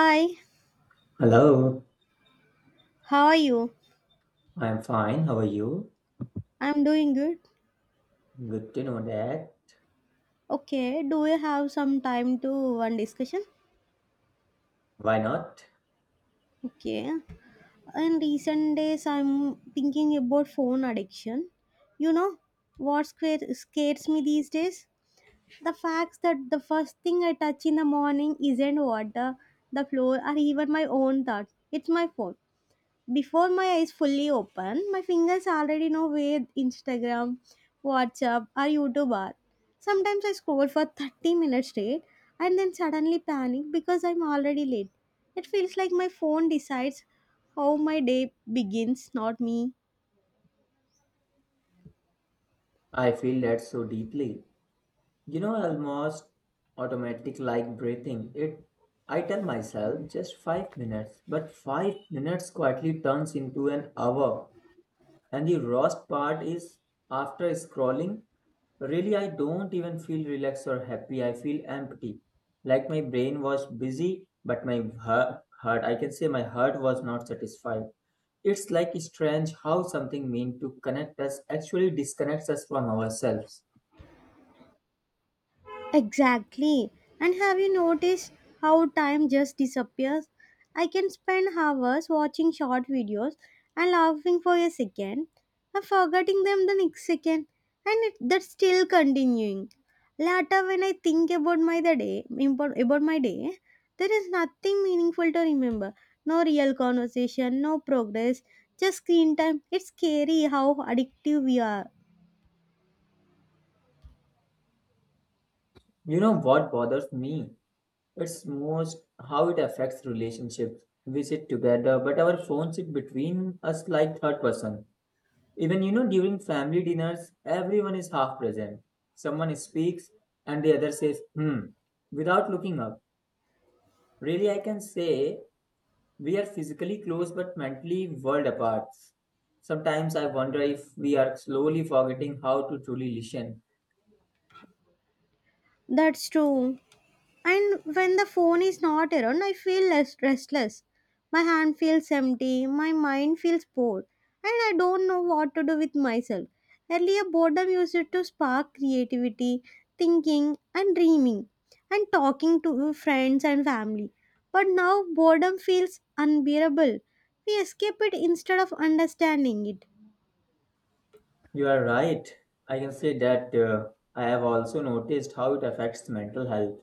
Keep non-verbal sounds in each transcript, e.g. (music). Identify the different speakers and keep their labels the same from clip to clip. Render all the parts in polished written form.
Speaker 1: Hi,
Speaker 2: Hello,
Speaker 1: how are you?
Speaker 2: I'm fine. How are you?
Speaker 1: I'm doing good.
Speaker 2: Good to know that.
Speaker 1: Okay, do you have some time to one discussion?
Speaker 2: Why not?
Speaker 1: Okay. In recent days, I'm thinking about phone addiction. You know, what scares me these days? The fact that the first thing I touch in the morning isn't water, the floor, or even my own thoughts. It's my phone. Before my eyes fully open, my fingers already know where Instagram, WhatsApp, or YouTube are. Sometimes I scroll for 30 minutes straight and then suddenly panic because I'm already late. It feels like my phone decides how my day begins, not me.
Speaker 2: I feel that so deeply. You know, almost automatic like breathing. It I tell myself just 5 minutes, but 5 minutes quietly turns into an hour. And the worst part is after scrolling, really I don't even feel relaxed or happy. I feel empty. Like my brain was busy, but my heart, I can say my heart was not satisfied. It's like strange how something meant to connect us actually disconnects us from ourselves.
Speaker 1: Exactly. And have you noticed how time just disappears? I can spend hours watching short videos and laughing for a second and forgetting them the next second, and that's still continuing. Later, when I think about my the day, impor- about my day, there is nothing meaningful to remember. No real conversation, no progress, just screen time. It's scary how addictive we are.
Speaker 2: You know what bothers me? It's most how it affects relationships. We sit together, but our phone sit between us like third person. Even during family dinners, everyone is half present. Someone speaks and the other says, hmm, without looking up. Really, I can say we are physically close but mentally world apart. Sometimes I wonder if we are slowly forgetting how to truly listen.
Speaker 1: That's true. And when the phone is not around, I feel less restless. My hand feels empty, my mind feels bored, and I don't know what to do with myself. Earlier, boredom used to spark creativity, thinking, and dreaming, and talking to friends and family. But now, boredom feels unbearable. We escape it instead of understanding it.
Speaker 2: You are right. I can say that I have also noticed how it affects mental health.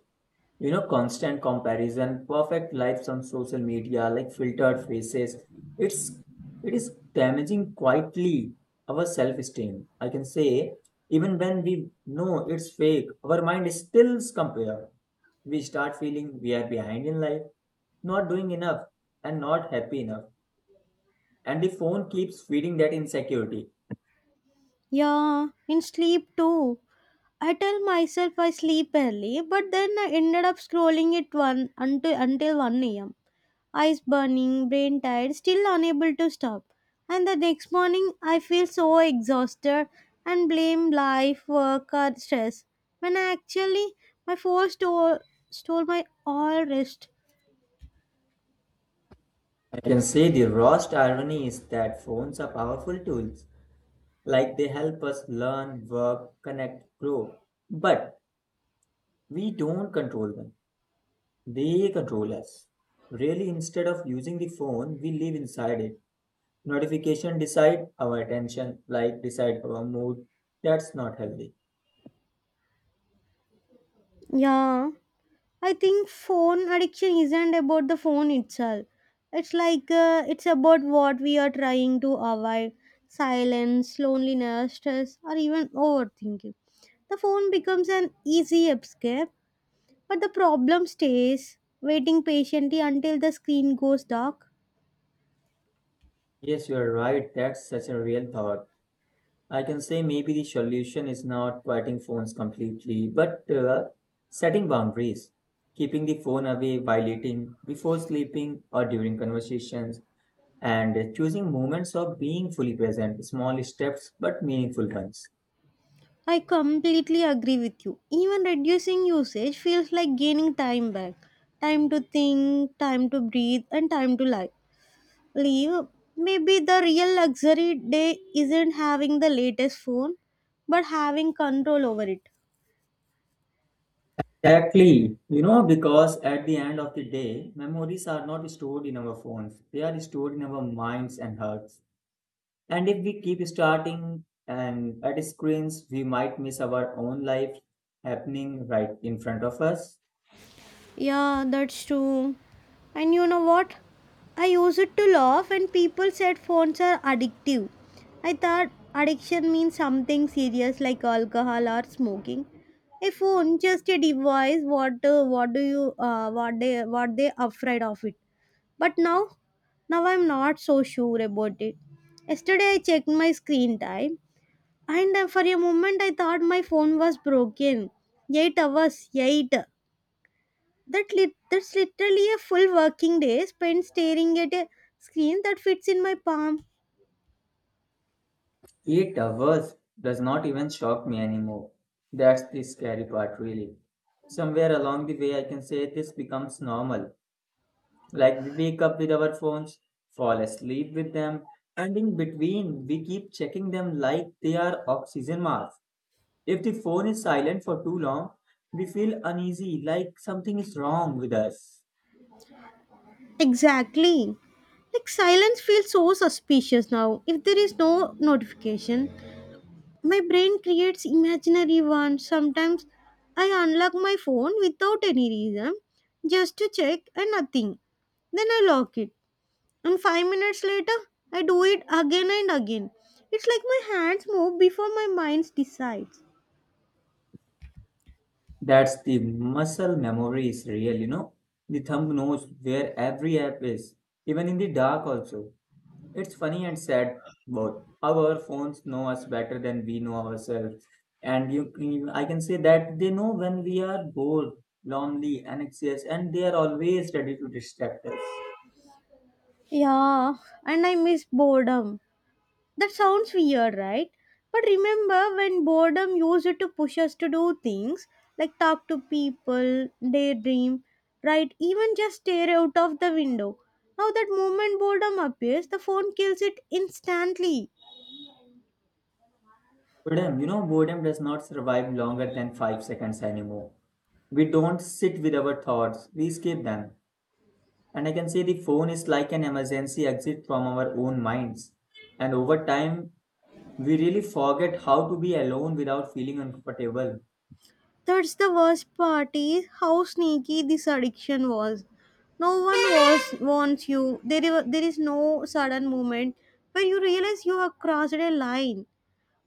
Speaker 2: You know, constant comparison, perfect lives on social media, like filtered faces. It's it is damaging quietly our self-esteem. I can say, even when we know it's fake, our mind still compare. We start feeling we are behind in life, not doing enough, and not happy enough. And the phone keeps feeding that insecurity.
Speaker 1: Yeah, in sleep too. I tell myself I sleep early, but then I ended up scrolling it one until 1 a.m. Eyes burning, brain tired, still unable to stop. And the next morning I feel so exhausted and blame life, work or stress. When I actually my phone stole my all rest.
Speaker 2: I can say the worst irony is that phones are powerful tools. Like they help us learn, work, connect, grow. But we don't control them. They control us. Really, instead of using the phone, we live inside it. Notification decide our attention, like decide our mood. That's not healthy.
Speaker 1: Yeah. I think phone addiction isn't about the phone itself. It's it's about what we are trying to avoid silence, loneliness, stress, or even overthinking. The phone becomes an easy escape, but the problem stays waiting patiently until the screen goes dark.
Speaker 2: Yes, you are right. That's such a real thought. I can say maybe the solution is not quieting phones completely, but setting boundaries, keeping the phone away while eating, before sleeping, or during conversations and choosing moments of being fully present, small steps but meaningful ones.
Speaker 1: I completely agree with you. Even reducing usage feels like gaining time back time to think, time to breathe, and time to life. Leave. Maybe the real luxury day isn't having the latest phone, but having control over it.
Speaker 2: Exactly, because at the end of the day, memories are not stored in our phones, they are stored in our minds and hearts. And if we keep starting and at screens, we might miss our own life happening right in front of us.
Speaker 1: Yeah, that's true. And you know what? I used it to laugh, and people said phones are addictive. I thought addiction means something serious like alcohol or smoking. A phone just a device. What do you what they afraid of it? But now I'm not so sure about it. Yesterday I checked my screen time and for a moment I thought my phone was broken. 8 hours, 8. That's literally a full working day spent staring at a screen that fits in my palm.
Speaker 2: 8 hours does not even shock me anymore. That's the scary part, really. Somewhere along the way, I can say this becomes normal. Like we wake up with our phones, fall asleep with them, and in between we keep checking them like they are oxygen masks. If the phone is silent for too long, we feel uneasy, like something is wrong with us.
Speaker 1: Exactly. Like silence feels so suspicious now if there is no notification. My brain creates imaginary ones. Sometimes I unlock my phone without any reason just to check and nothing. Then I lock it. And five minutes later, I do it again and again. It's like my hands move before my mind decides.
Speaker 2: That's the muscle memory is real, you know. The thumb knows where every app is, even in the dark also. It's funny and sad both. Our phones know us better than we know ourselves. And I can say that they know when we are bored, lonely, anxious, and they are always ready to distract us.
Speaker 1: Yeah, and I miss boredom. That sounds weird, right? But remember when boredom used to push us to do things like talk to people, daydream, right? Even just stare out of the window. Now that moment boredom appears, the phone kills it instantly.
Speaker 2: Boredom, boredom does not survive longer than 5 seconds anymore. We don't sit with our thoughts, we escape them. And I can say the phone is like an emergency exit from our own minds. And over time, we really forget how to be alone without feeling uncomfortable.
Speaker 1: That's the worst part is how sneaky this addiction was. No one was wants you. There is no sudden moment where you realize you have crossed a line.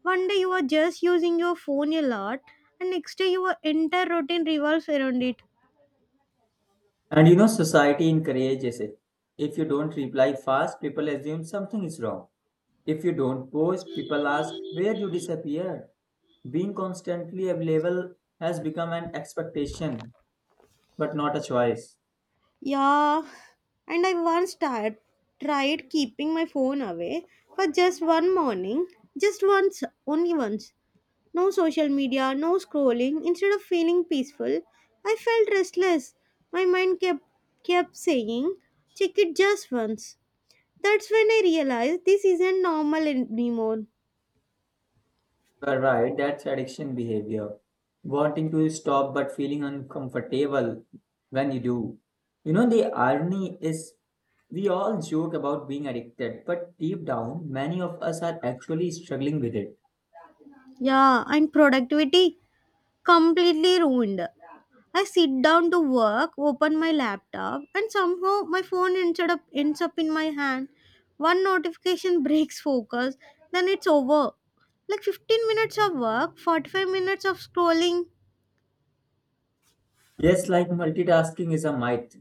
Speaker 1: One day you are just using your phone a lot, and next day your entire routine revolves around it.
Speaker 2: And society encourages it. If you don't reply fast, people assume something is wrong. If you don't post, people ask where you disappeared. Being constantly available has become an expectation, but not a choice.
Speaker 1: Yeah, and I tried keeping my phone away for just one morning, just once, only once. No social media, no scrolling. Instead of feeling peaceful, I felt restless. My mind kept saying, "Check it just once." That's when I realized this isn't normal anymore.
Speaker 2: You are right, that's addiction behavior. Wanting to stop but feeling uncomfortable when you do. The irony is we all joke about being addicted, but deep down, many of us are actually struggling with it.
Speaker 1: Yeah, and productivity. Completely ruined. I sit down to work, open my laptop, and somehow my phone ends up in my hand. One notification (laughs) breaks focus, then it's over. Like 15 minutes of work, 45 minutes of scrolling.
Speaker 2: Yes, like multitasking is a myth.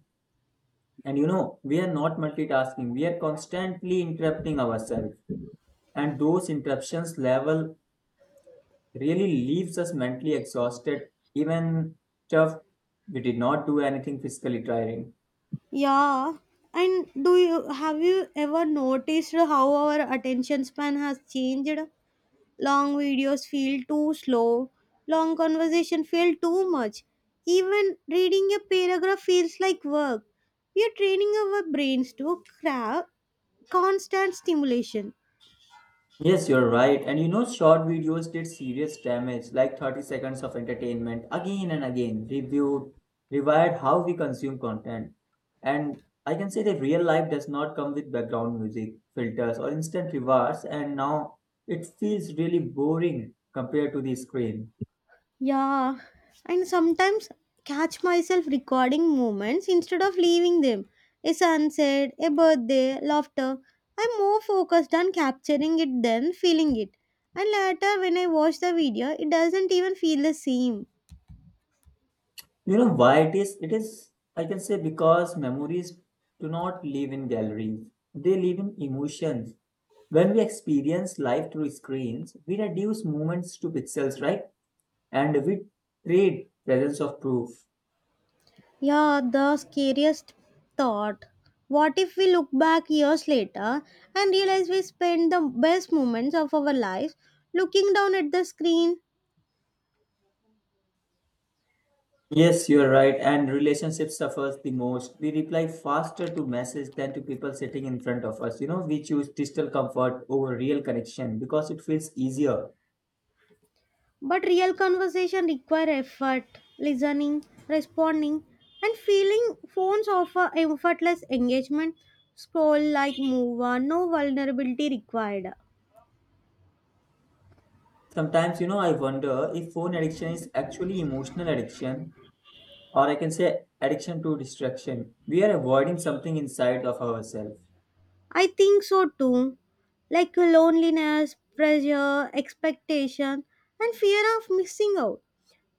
Speaker 2: And we are not multitasking. We are constantly interrupting ourselves. And those interruptions level really leaves us mentally exhausted, even tough. We did not do anything physically tiring.
Speaker 1: Yeah. And do you have you ever noticed how our attention span has changed? Long videos feel too slow. Long conversation feel too much. Even reading a paragraph feels like work. We are training our brains to crave constant stimulation.
Speaker 2: Yes, you're right. And short videos did serious damage, like 30 seconds of entertainment again and again, reviewed, rewired how we consume content. And I can say that real life does not come with background music, filters, or instant rewards, and now it feels really boring compared to the screen.
Speaker 1: Yeah, and sometimes catch myself recording moments instead of leaving them. A sunset, a birthday, laughter. I'm more focused on capturing it than feeling it. And later, when I watch the video, it doesn't even feel the same.
Speaker 2: You know why it is? It is, I can say, because memories do not live in galleries, they live in emotions. When we experience life through screens, we reduce moments to pixels, right? And we trade presence of proof.
Speaker 1: Yeah, the scariest thought. What if we look back years later and realize we spent the best moments of our lives looking down at the screen?
Speaker 2: Yes, you're right. And relationship suffers the most. We reply faster to message than to people sitting in front of us. We choose digital comfort over real connection because it feels easier.
Speaker 1: But real conversation require effort, listening, responding, and feeling phones offer effortless engagement. Scroll like move on, no vulnerability required.
Speaker 2: Sometimes, I wonder if phone addiction is actually emotional addiction or I can say addiction to distraction. We are avoiding something inside of ourselves.
Speaker 1: I think so too. Like loneliness, pressure, expectation, and fear of missing out.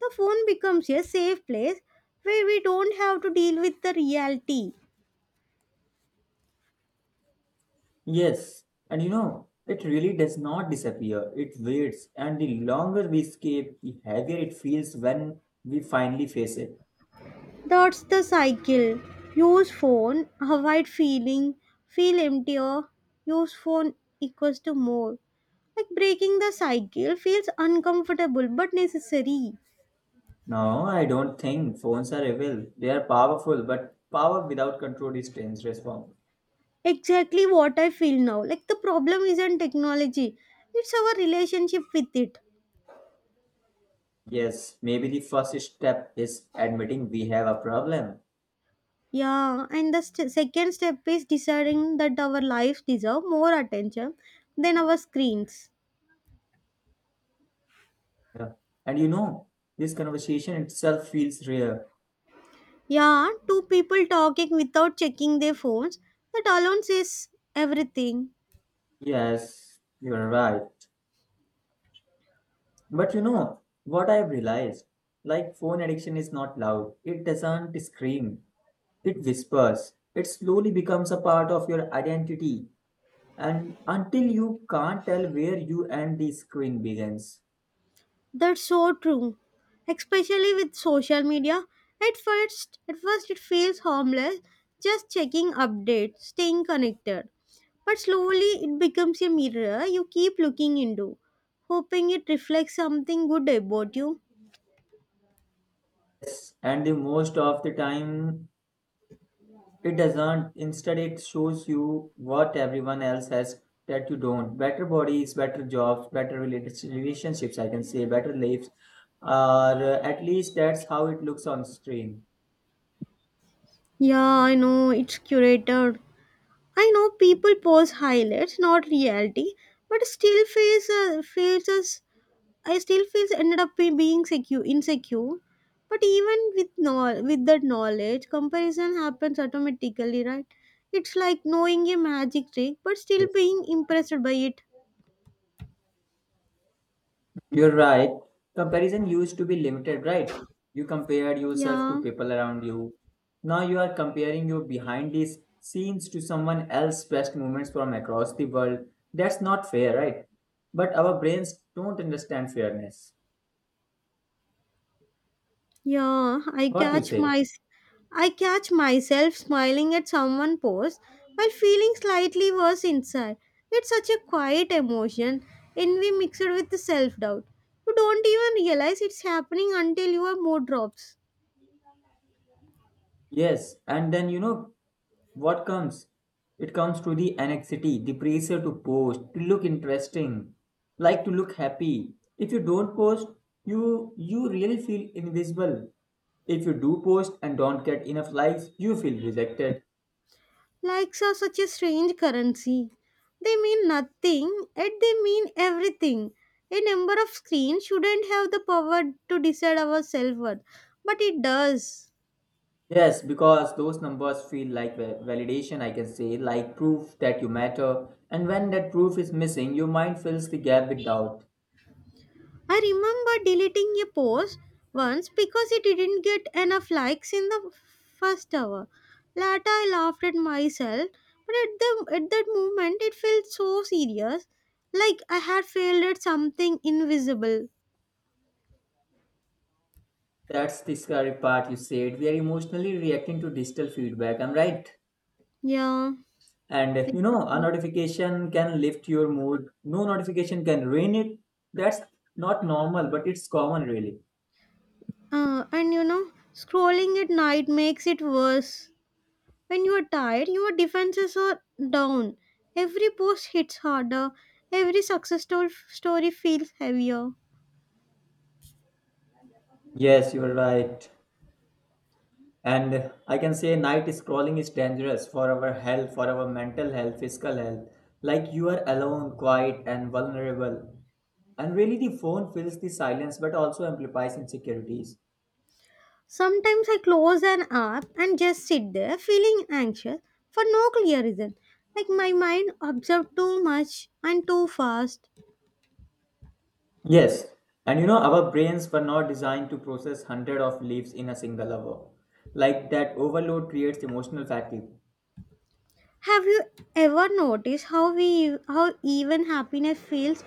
Speaker 1: The phone becomes a safe place where we don't have to deal with the reality.
Speaker 2: Yes, and it really does not disappear, it waits, and the longer we escape, the heavier it feels when we finally face it.
Speaker 1: That's the cycle. Use phone, avoid feeling, feel emptier, use phone equals to more. Like breaking the cycle feels uncomfortable but necessary.
Speaker 2: No, I don't think phones are evil. They are powerful, but power without control is dangerous form.
Speaker 1: Exactly what I feel now. Like the problem isn't technology, it's our relationship with it.
Speaker 2: Yes, maybe the first step is admitting we have a problem.
Speaker 1: Yeah, and the second step is deciding that our lives deserve more attention than our screens.
Speaker 2: Yeah. And this conversation itself feels rare.
Speaker 1: Yeah, two people talking without checking their phones, that alone says everything.
Speaker 2: Yes, you're right. But you know what I've realized? Like phone addiction is not loud. It doesn't scream. It whispers. It slowly becomes a part of your identity. And until you can't tell where you and the screen begins.
Speaker 1: That's so true. Especially with social media. At first it feels harmless, just checking updates, staying connected. But slowly it becomes a mirror you keep looking into, hoping it reflects something good about you.
Speaker 2: Yes. And the most of the time it doesn't. Instead it shows you what everyone else has that you don't. Better bodies, better jobs, better relationships, I can say, better lives. Or at least that's how it looks on screen.
Speaker 1: Yeah, I know it's curated. I know people post highlights, not reality, but still face feels us I still feels ended up being secure, insecure. But even with no, with that knowledge, comparison happens automatically, right? It's like knowing a magic trick, but still
Speaker 2: Yes.
Speaker 1: being impressed by it.
Speaker 2: You're right. Comparison used to be limited, right? You compared yourself to
Speaker 1: Yeah,
Speaker 2: people around you. Now you are comparing your behind these scenes to someone else's best moments from across the world. That's not fair, right? But our brains don't understand fairness.
Speaker 1: yeah.
Speaker 2: What you say?
Speaker 1: I catch myself smiling at someone post while feeling slightly worse inside. It's such a quiet emotion, envy mixed with self doubt. You don't even realize it's happening until your mood drops.
Speaker 2: Yes. And then, what comes? It comes to the anxiety, the pressure to post, to look interesting, like to look happy. If you don't post, you really feel invisible. If you do post and don't get enough likes, you feel rejected.
Speaker 1: Likes are such a strange currency. They mean nothing, yet they mean everything. A number of screens shouldn't have the power to decide our self worth, but it does.
Speaker 2: Yes, because those numbers feel like validation, I can say, like proof that you matter. And when that proof is missing, your mind fills the gap with doubt.
Speaker 1: I remember deleting a post once because it didn't get enough likes in the first hour. Later, I laughed at myself, but at that moment, it felt so serious like I had failed at something invisible.
Speaker 2: That's the scary part you said. We are emotionally reacting to digital feedback. I'm right.
Speaker 1: Yeah,
Speaker 2: And a
Speaker 1: exactly.
Speaker 2: notification can lift your mood. No notification can ruin it. That's not normal, but it's common, really.
Speaker 1: And you know, scrolling at night makes it worse. When you are tired, your defenses are down. Every post hits harder. Every story feels heavier.
Speaker 2: Yes, you're right. And I can say night scrolling is dangerous for our health, for our mental health, physical health. Like you are alone, quiet, and vulnerable. And really, the phone fills the silence but also amplifies insecurities.
Speaker 1: Sometimes I close an app and just sit there feeling anxious for no clear reason. Like my mind absorbs too much and too fast.
Speaker 2: Yes, and our brains were not designed to process hundred of leaves in a single hour. Like that overload creates emotional fatigue.
Speaker 1: Have you ever noticed how even happiness feels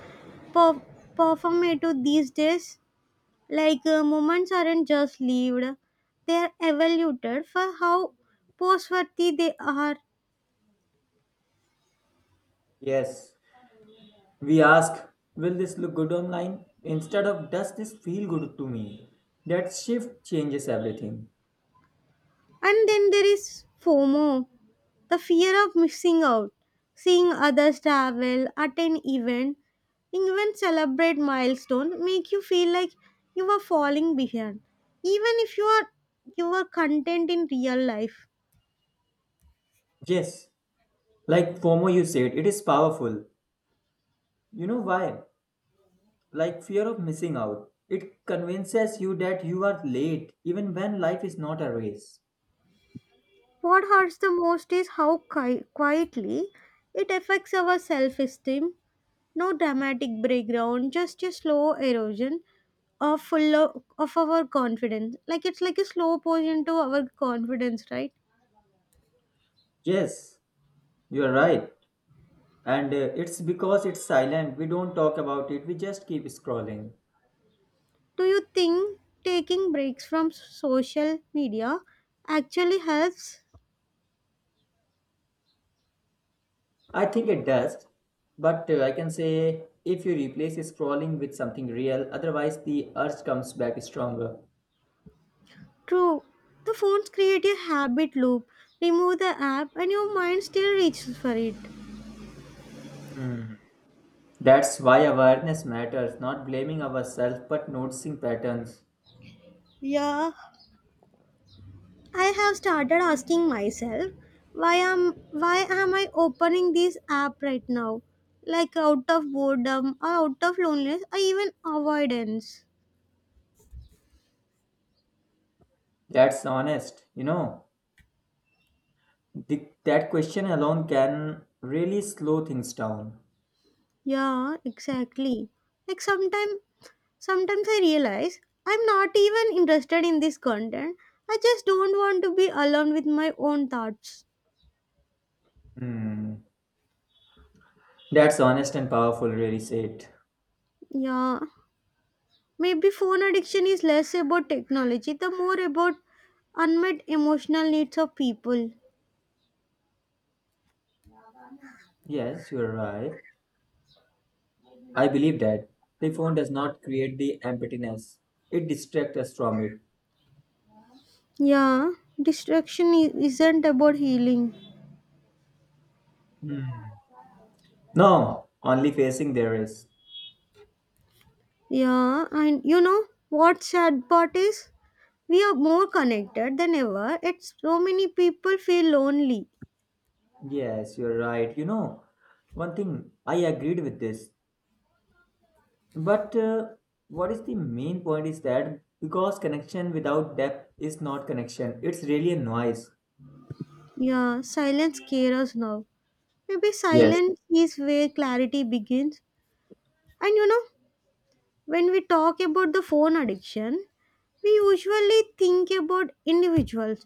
Speaker 1: per- performative these days? Like moments aren't just lived, they are evaluated for how post-worthy they are.
Speaker 2: Yes, we ask, will this look good online? Instead of, does this feel good to me? That shift changes everything.
Speaker 1: And then there is FOMO, the fear of missing out, seeing others travel, attend event, even celebrate milestone, make you feel like you are falling behind, even if you are content in real life.
Speaker 2: Yes, like FOMO, you said, it is powerful. You know why? Like fear of missing out. It convinces you that you are late, even when life is not a race.
Speaker 1: What hurts the most is how quietly it affects our self esteem. No dramatic breakdown, just a slow erosion of of our confidence. Like it's like a slow poison to our confidence, right?
Speaker 2: Yes, you are right. And it's because it's silent. We don't talk about it. We just keep scrolling.
Speaker 1: Do you think taking breaks from social media actually helps?
Speaker 2: I think it does. But I can say if you replace scrolling with something real, otherwise the urge comes back stronger.
Speaker 1: True. The phones create a habit loop. Remove the app and your mind still reaches for it.
Speaker 2: Hmm. That's why awareness matters, not blaming ourselves but noticing patterns.
Speaker 1: Yeah, I have started asking myself why am I opening this app right now? Like out of boredom or out of loneliness or even avoidance.
Speaker 2: That's honest. That question alone can really slow things down.
Speaker 1: Yeah, exactly. Like sometimes I realize I'm not even interested in this content. I just don't want to be alone with my own thoughts.
Speaker 2: Hmm. That's honest and powerful, really said.
Speaker 1: Yeah. Maybe phone addiction is less about technology, the more about unmet emotional needs of people.
Speaker 2: Yes, you're right. I believe that the phone does not create the emptiness. It distracts us from it.
Speaker 1: Yeah, distraction isn't about healing.
Speaker 2: Hmm. No, only facing there is.
Speaker 1: Yeah, and you know what sad part is? We are more connected than ever. It's so many people feel lonely.
Speaker 2: Yes, you're right. One thing I agreed with this. But what is the main point is that because connection without depth is not connection, it's really a noise.
Speaker 1: Yeah, silence scares us now. Maybe
Speaker 2: Yes,
Speaker 1: silence is where clarity begins. And you know, when we talk about the phone addiction, we usually think about individuals,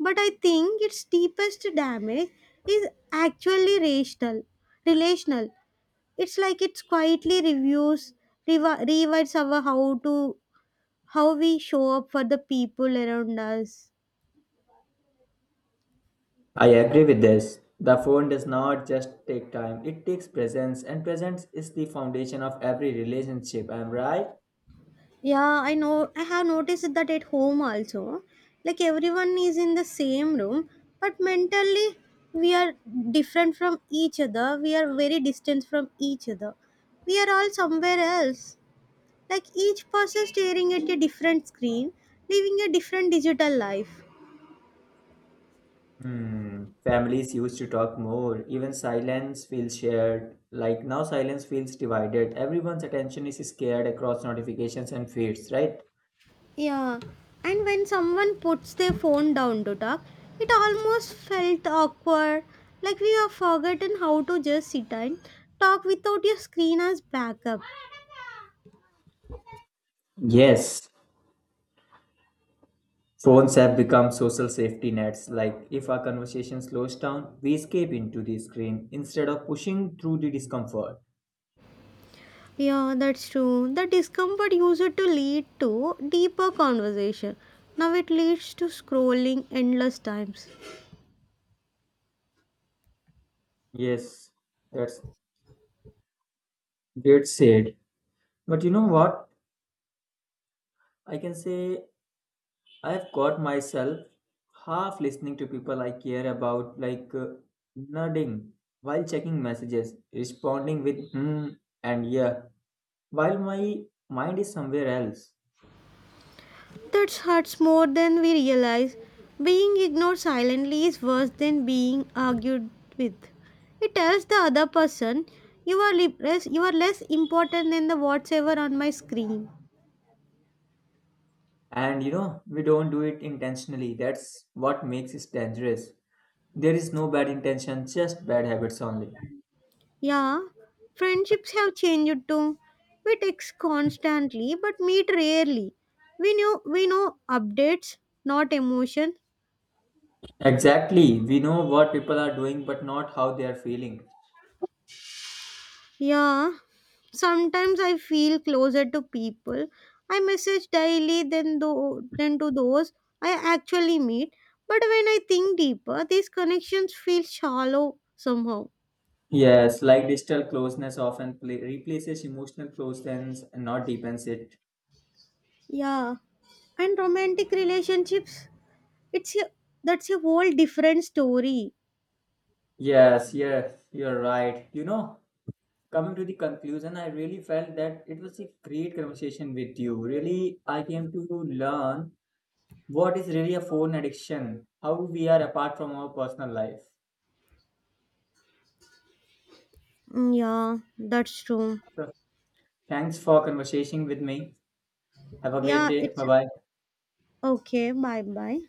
Speaker 1: but I think its deepest damage is actually rational. Relational. It's like it's quietly rewrites our how we show up for the people around us.
Speaker 2: I agree with this. The phone does not just take time, it takes presence, and presence is the foundation of every relationship. I'm right.
Speaker 1: Yeah, I know. I have noticed that at home also. Like everyone is in the same room, but mentally we are different from each other. We are very distant from each other. We are all somewhere else. Like each person staring at a different screen, living a different digital life.
Speaker 2: Hmm. Families used to talk more. Even silence feels shared. Like now, silence feels divided. Everyone's attention is scared across notifications and feeds, right?
Speaker 1: Yeah, and when someone puts their phone down to talk, it almost felt awkward. Like we have forgotten how to just sit and talk without your screen as backup.
Speaker 2: Yes. Phones have become social safety nets. Like if our conversation slows down, we escape into the screen instead of pushing through the discomfort.
Speaker 1: Yeah, that's true. The discomfort used to lead to deeper conversation. Now it leads to scrolling endless times.
Speaker 2: Yes, that's that's said. But you know what? I can say I've caught myself half listening to people I care about, like nodding while checking messages, responding with hmm and yeah, while my mind is somewhere else.
Speaker 1: That hurts more than we realize. Being ignored silently is worse than being argued with. It tells the other person, "You are less, you are less important than the whatsoever on my screen."
Speaker 2: And we don't do it intentionally. That's what makes it dangerous. There is no bad intention, just bad habits only.
Speaker 1: Yeah, friendships have changed too. We text constantly but meet rarely. We know updates, not emotion.
Speaker 2: Exactly. We know what people are doing, but not how they are feeling.
Speaker 1: Yeah, sometimes I feel closer to people I message daily than to those I actually meet. But when I think deeper, these connections feel shallow somehow.
Speaker 2: Yes, like digital closeness often pla replaces emotional closeness and not deepens it.
Speaker 1: Yeah, and romantic relationships, it's a that's a whole different story.
Speaker 2: Yes, yes, you're right. Coming to the conclusion, I really felt that it was a great conversation with you. Really, I came to learn what is really a phone addiction, how we are apart from our personal life.
Speaker 1: Mm, yeah, that's true.
Speaker 2: So, thanks for conversation with me. Have a great
Speaker 1: Yeah,
Speaker 2: day.
Speaker 1: it's
Speaker 2: Bye bye.
Speaker 1: okay. Bye bye.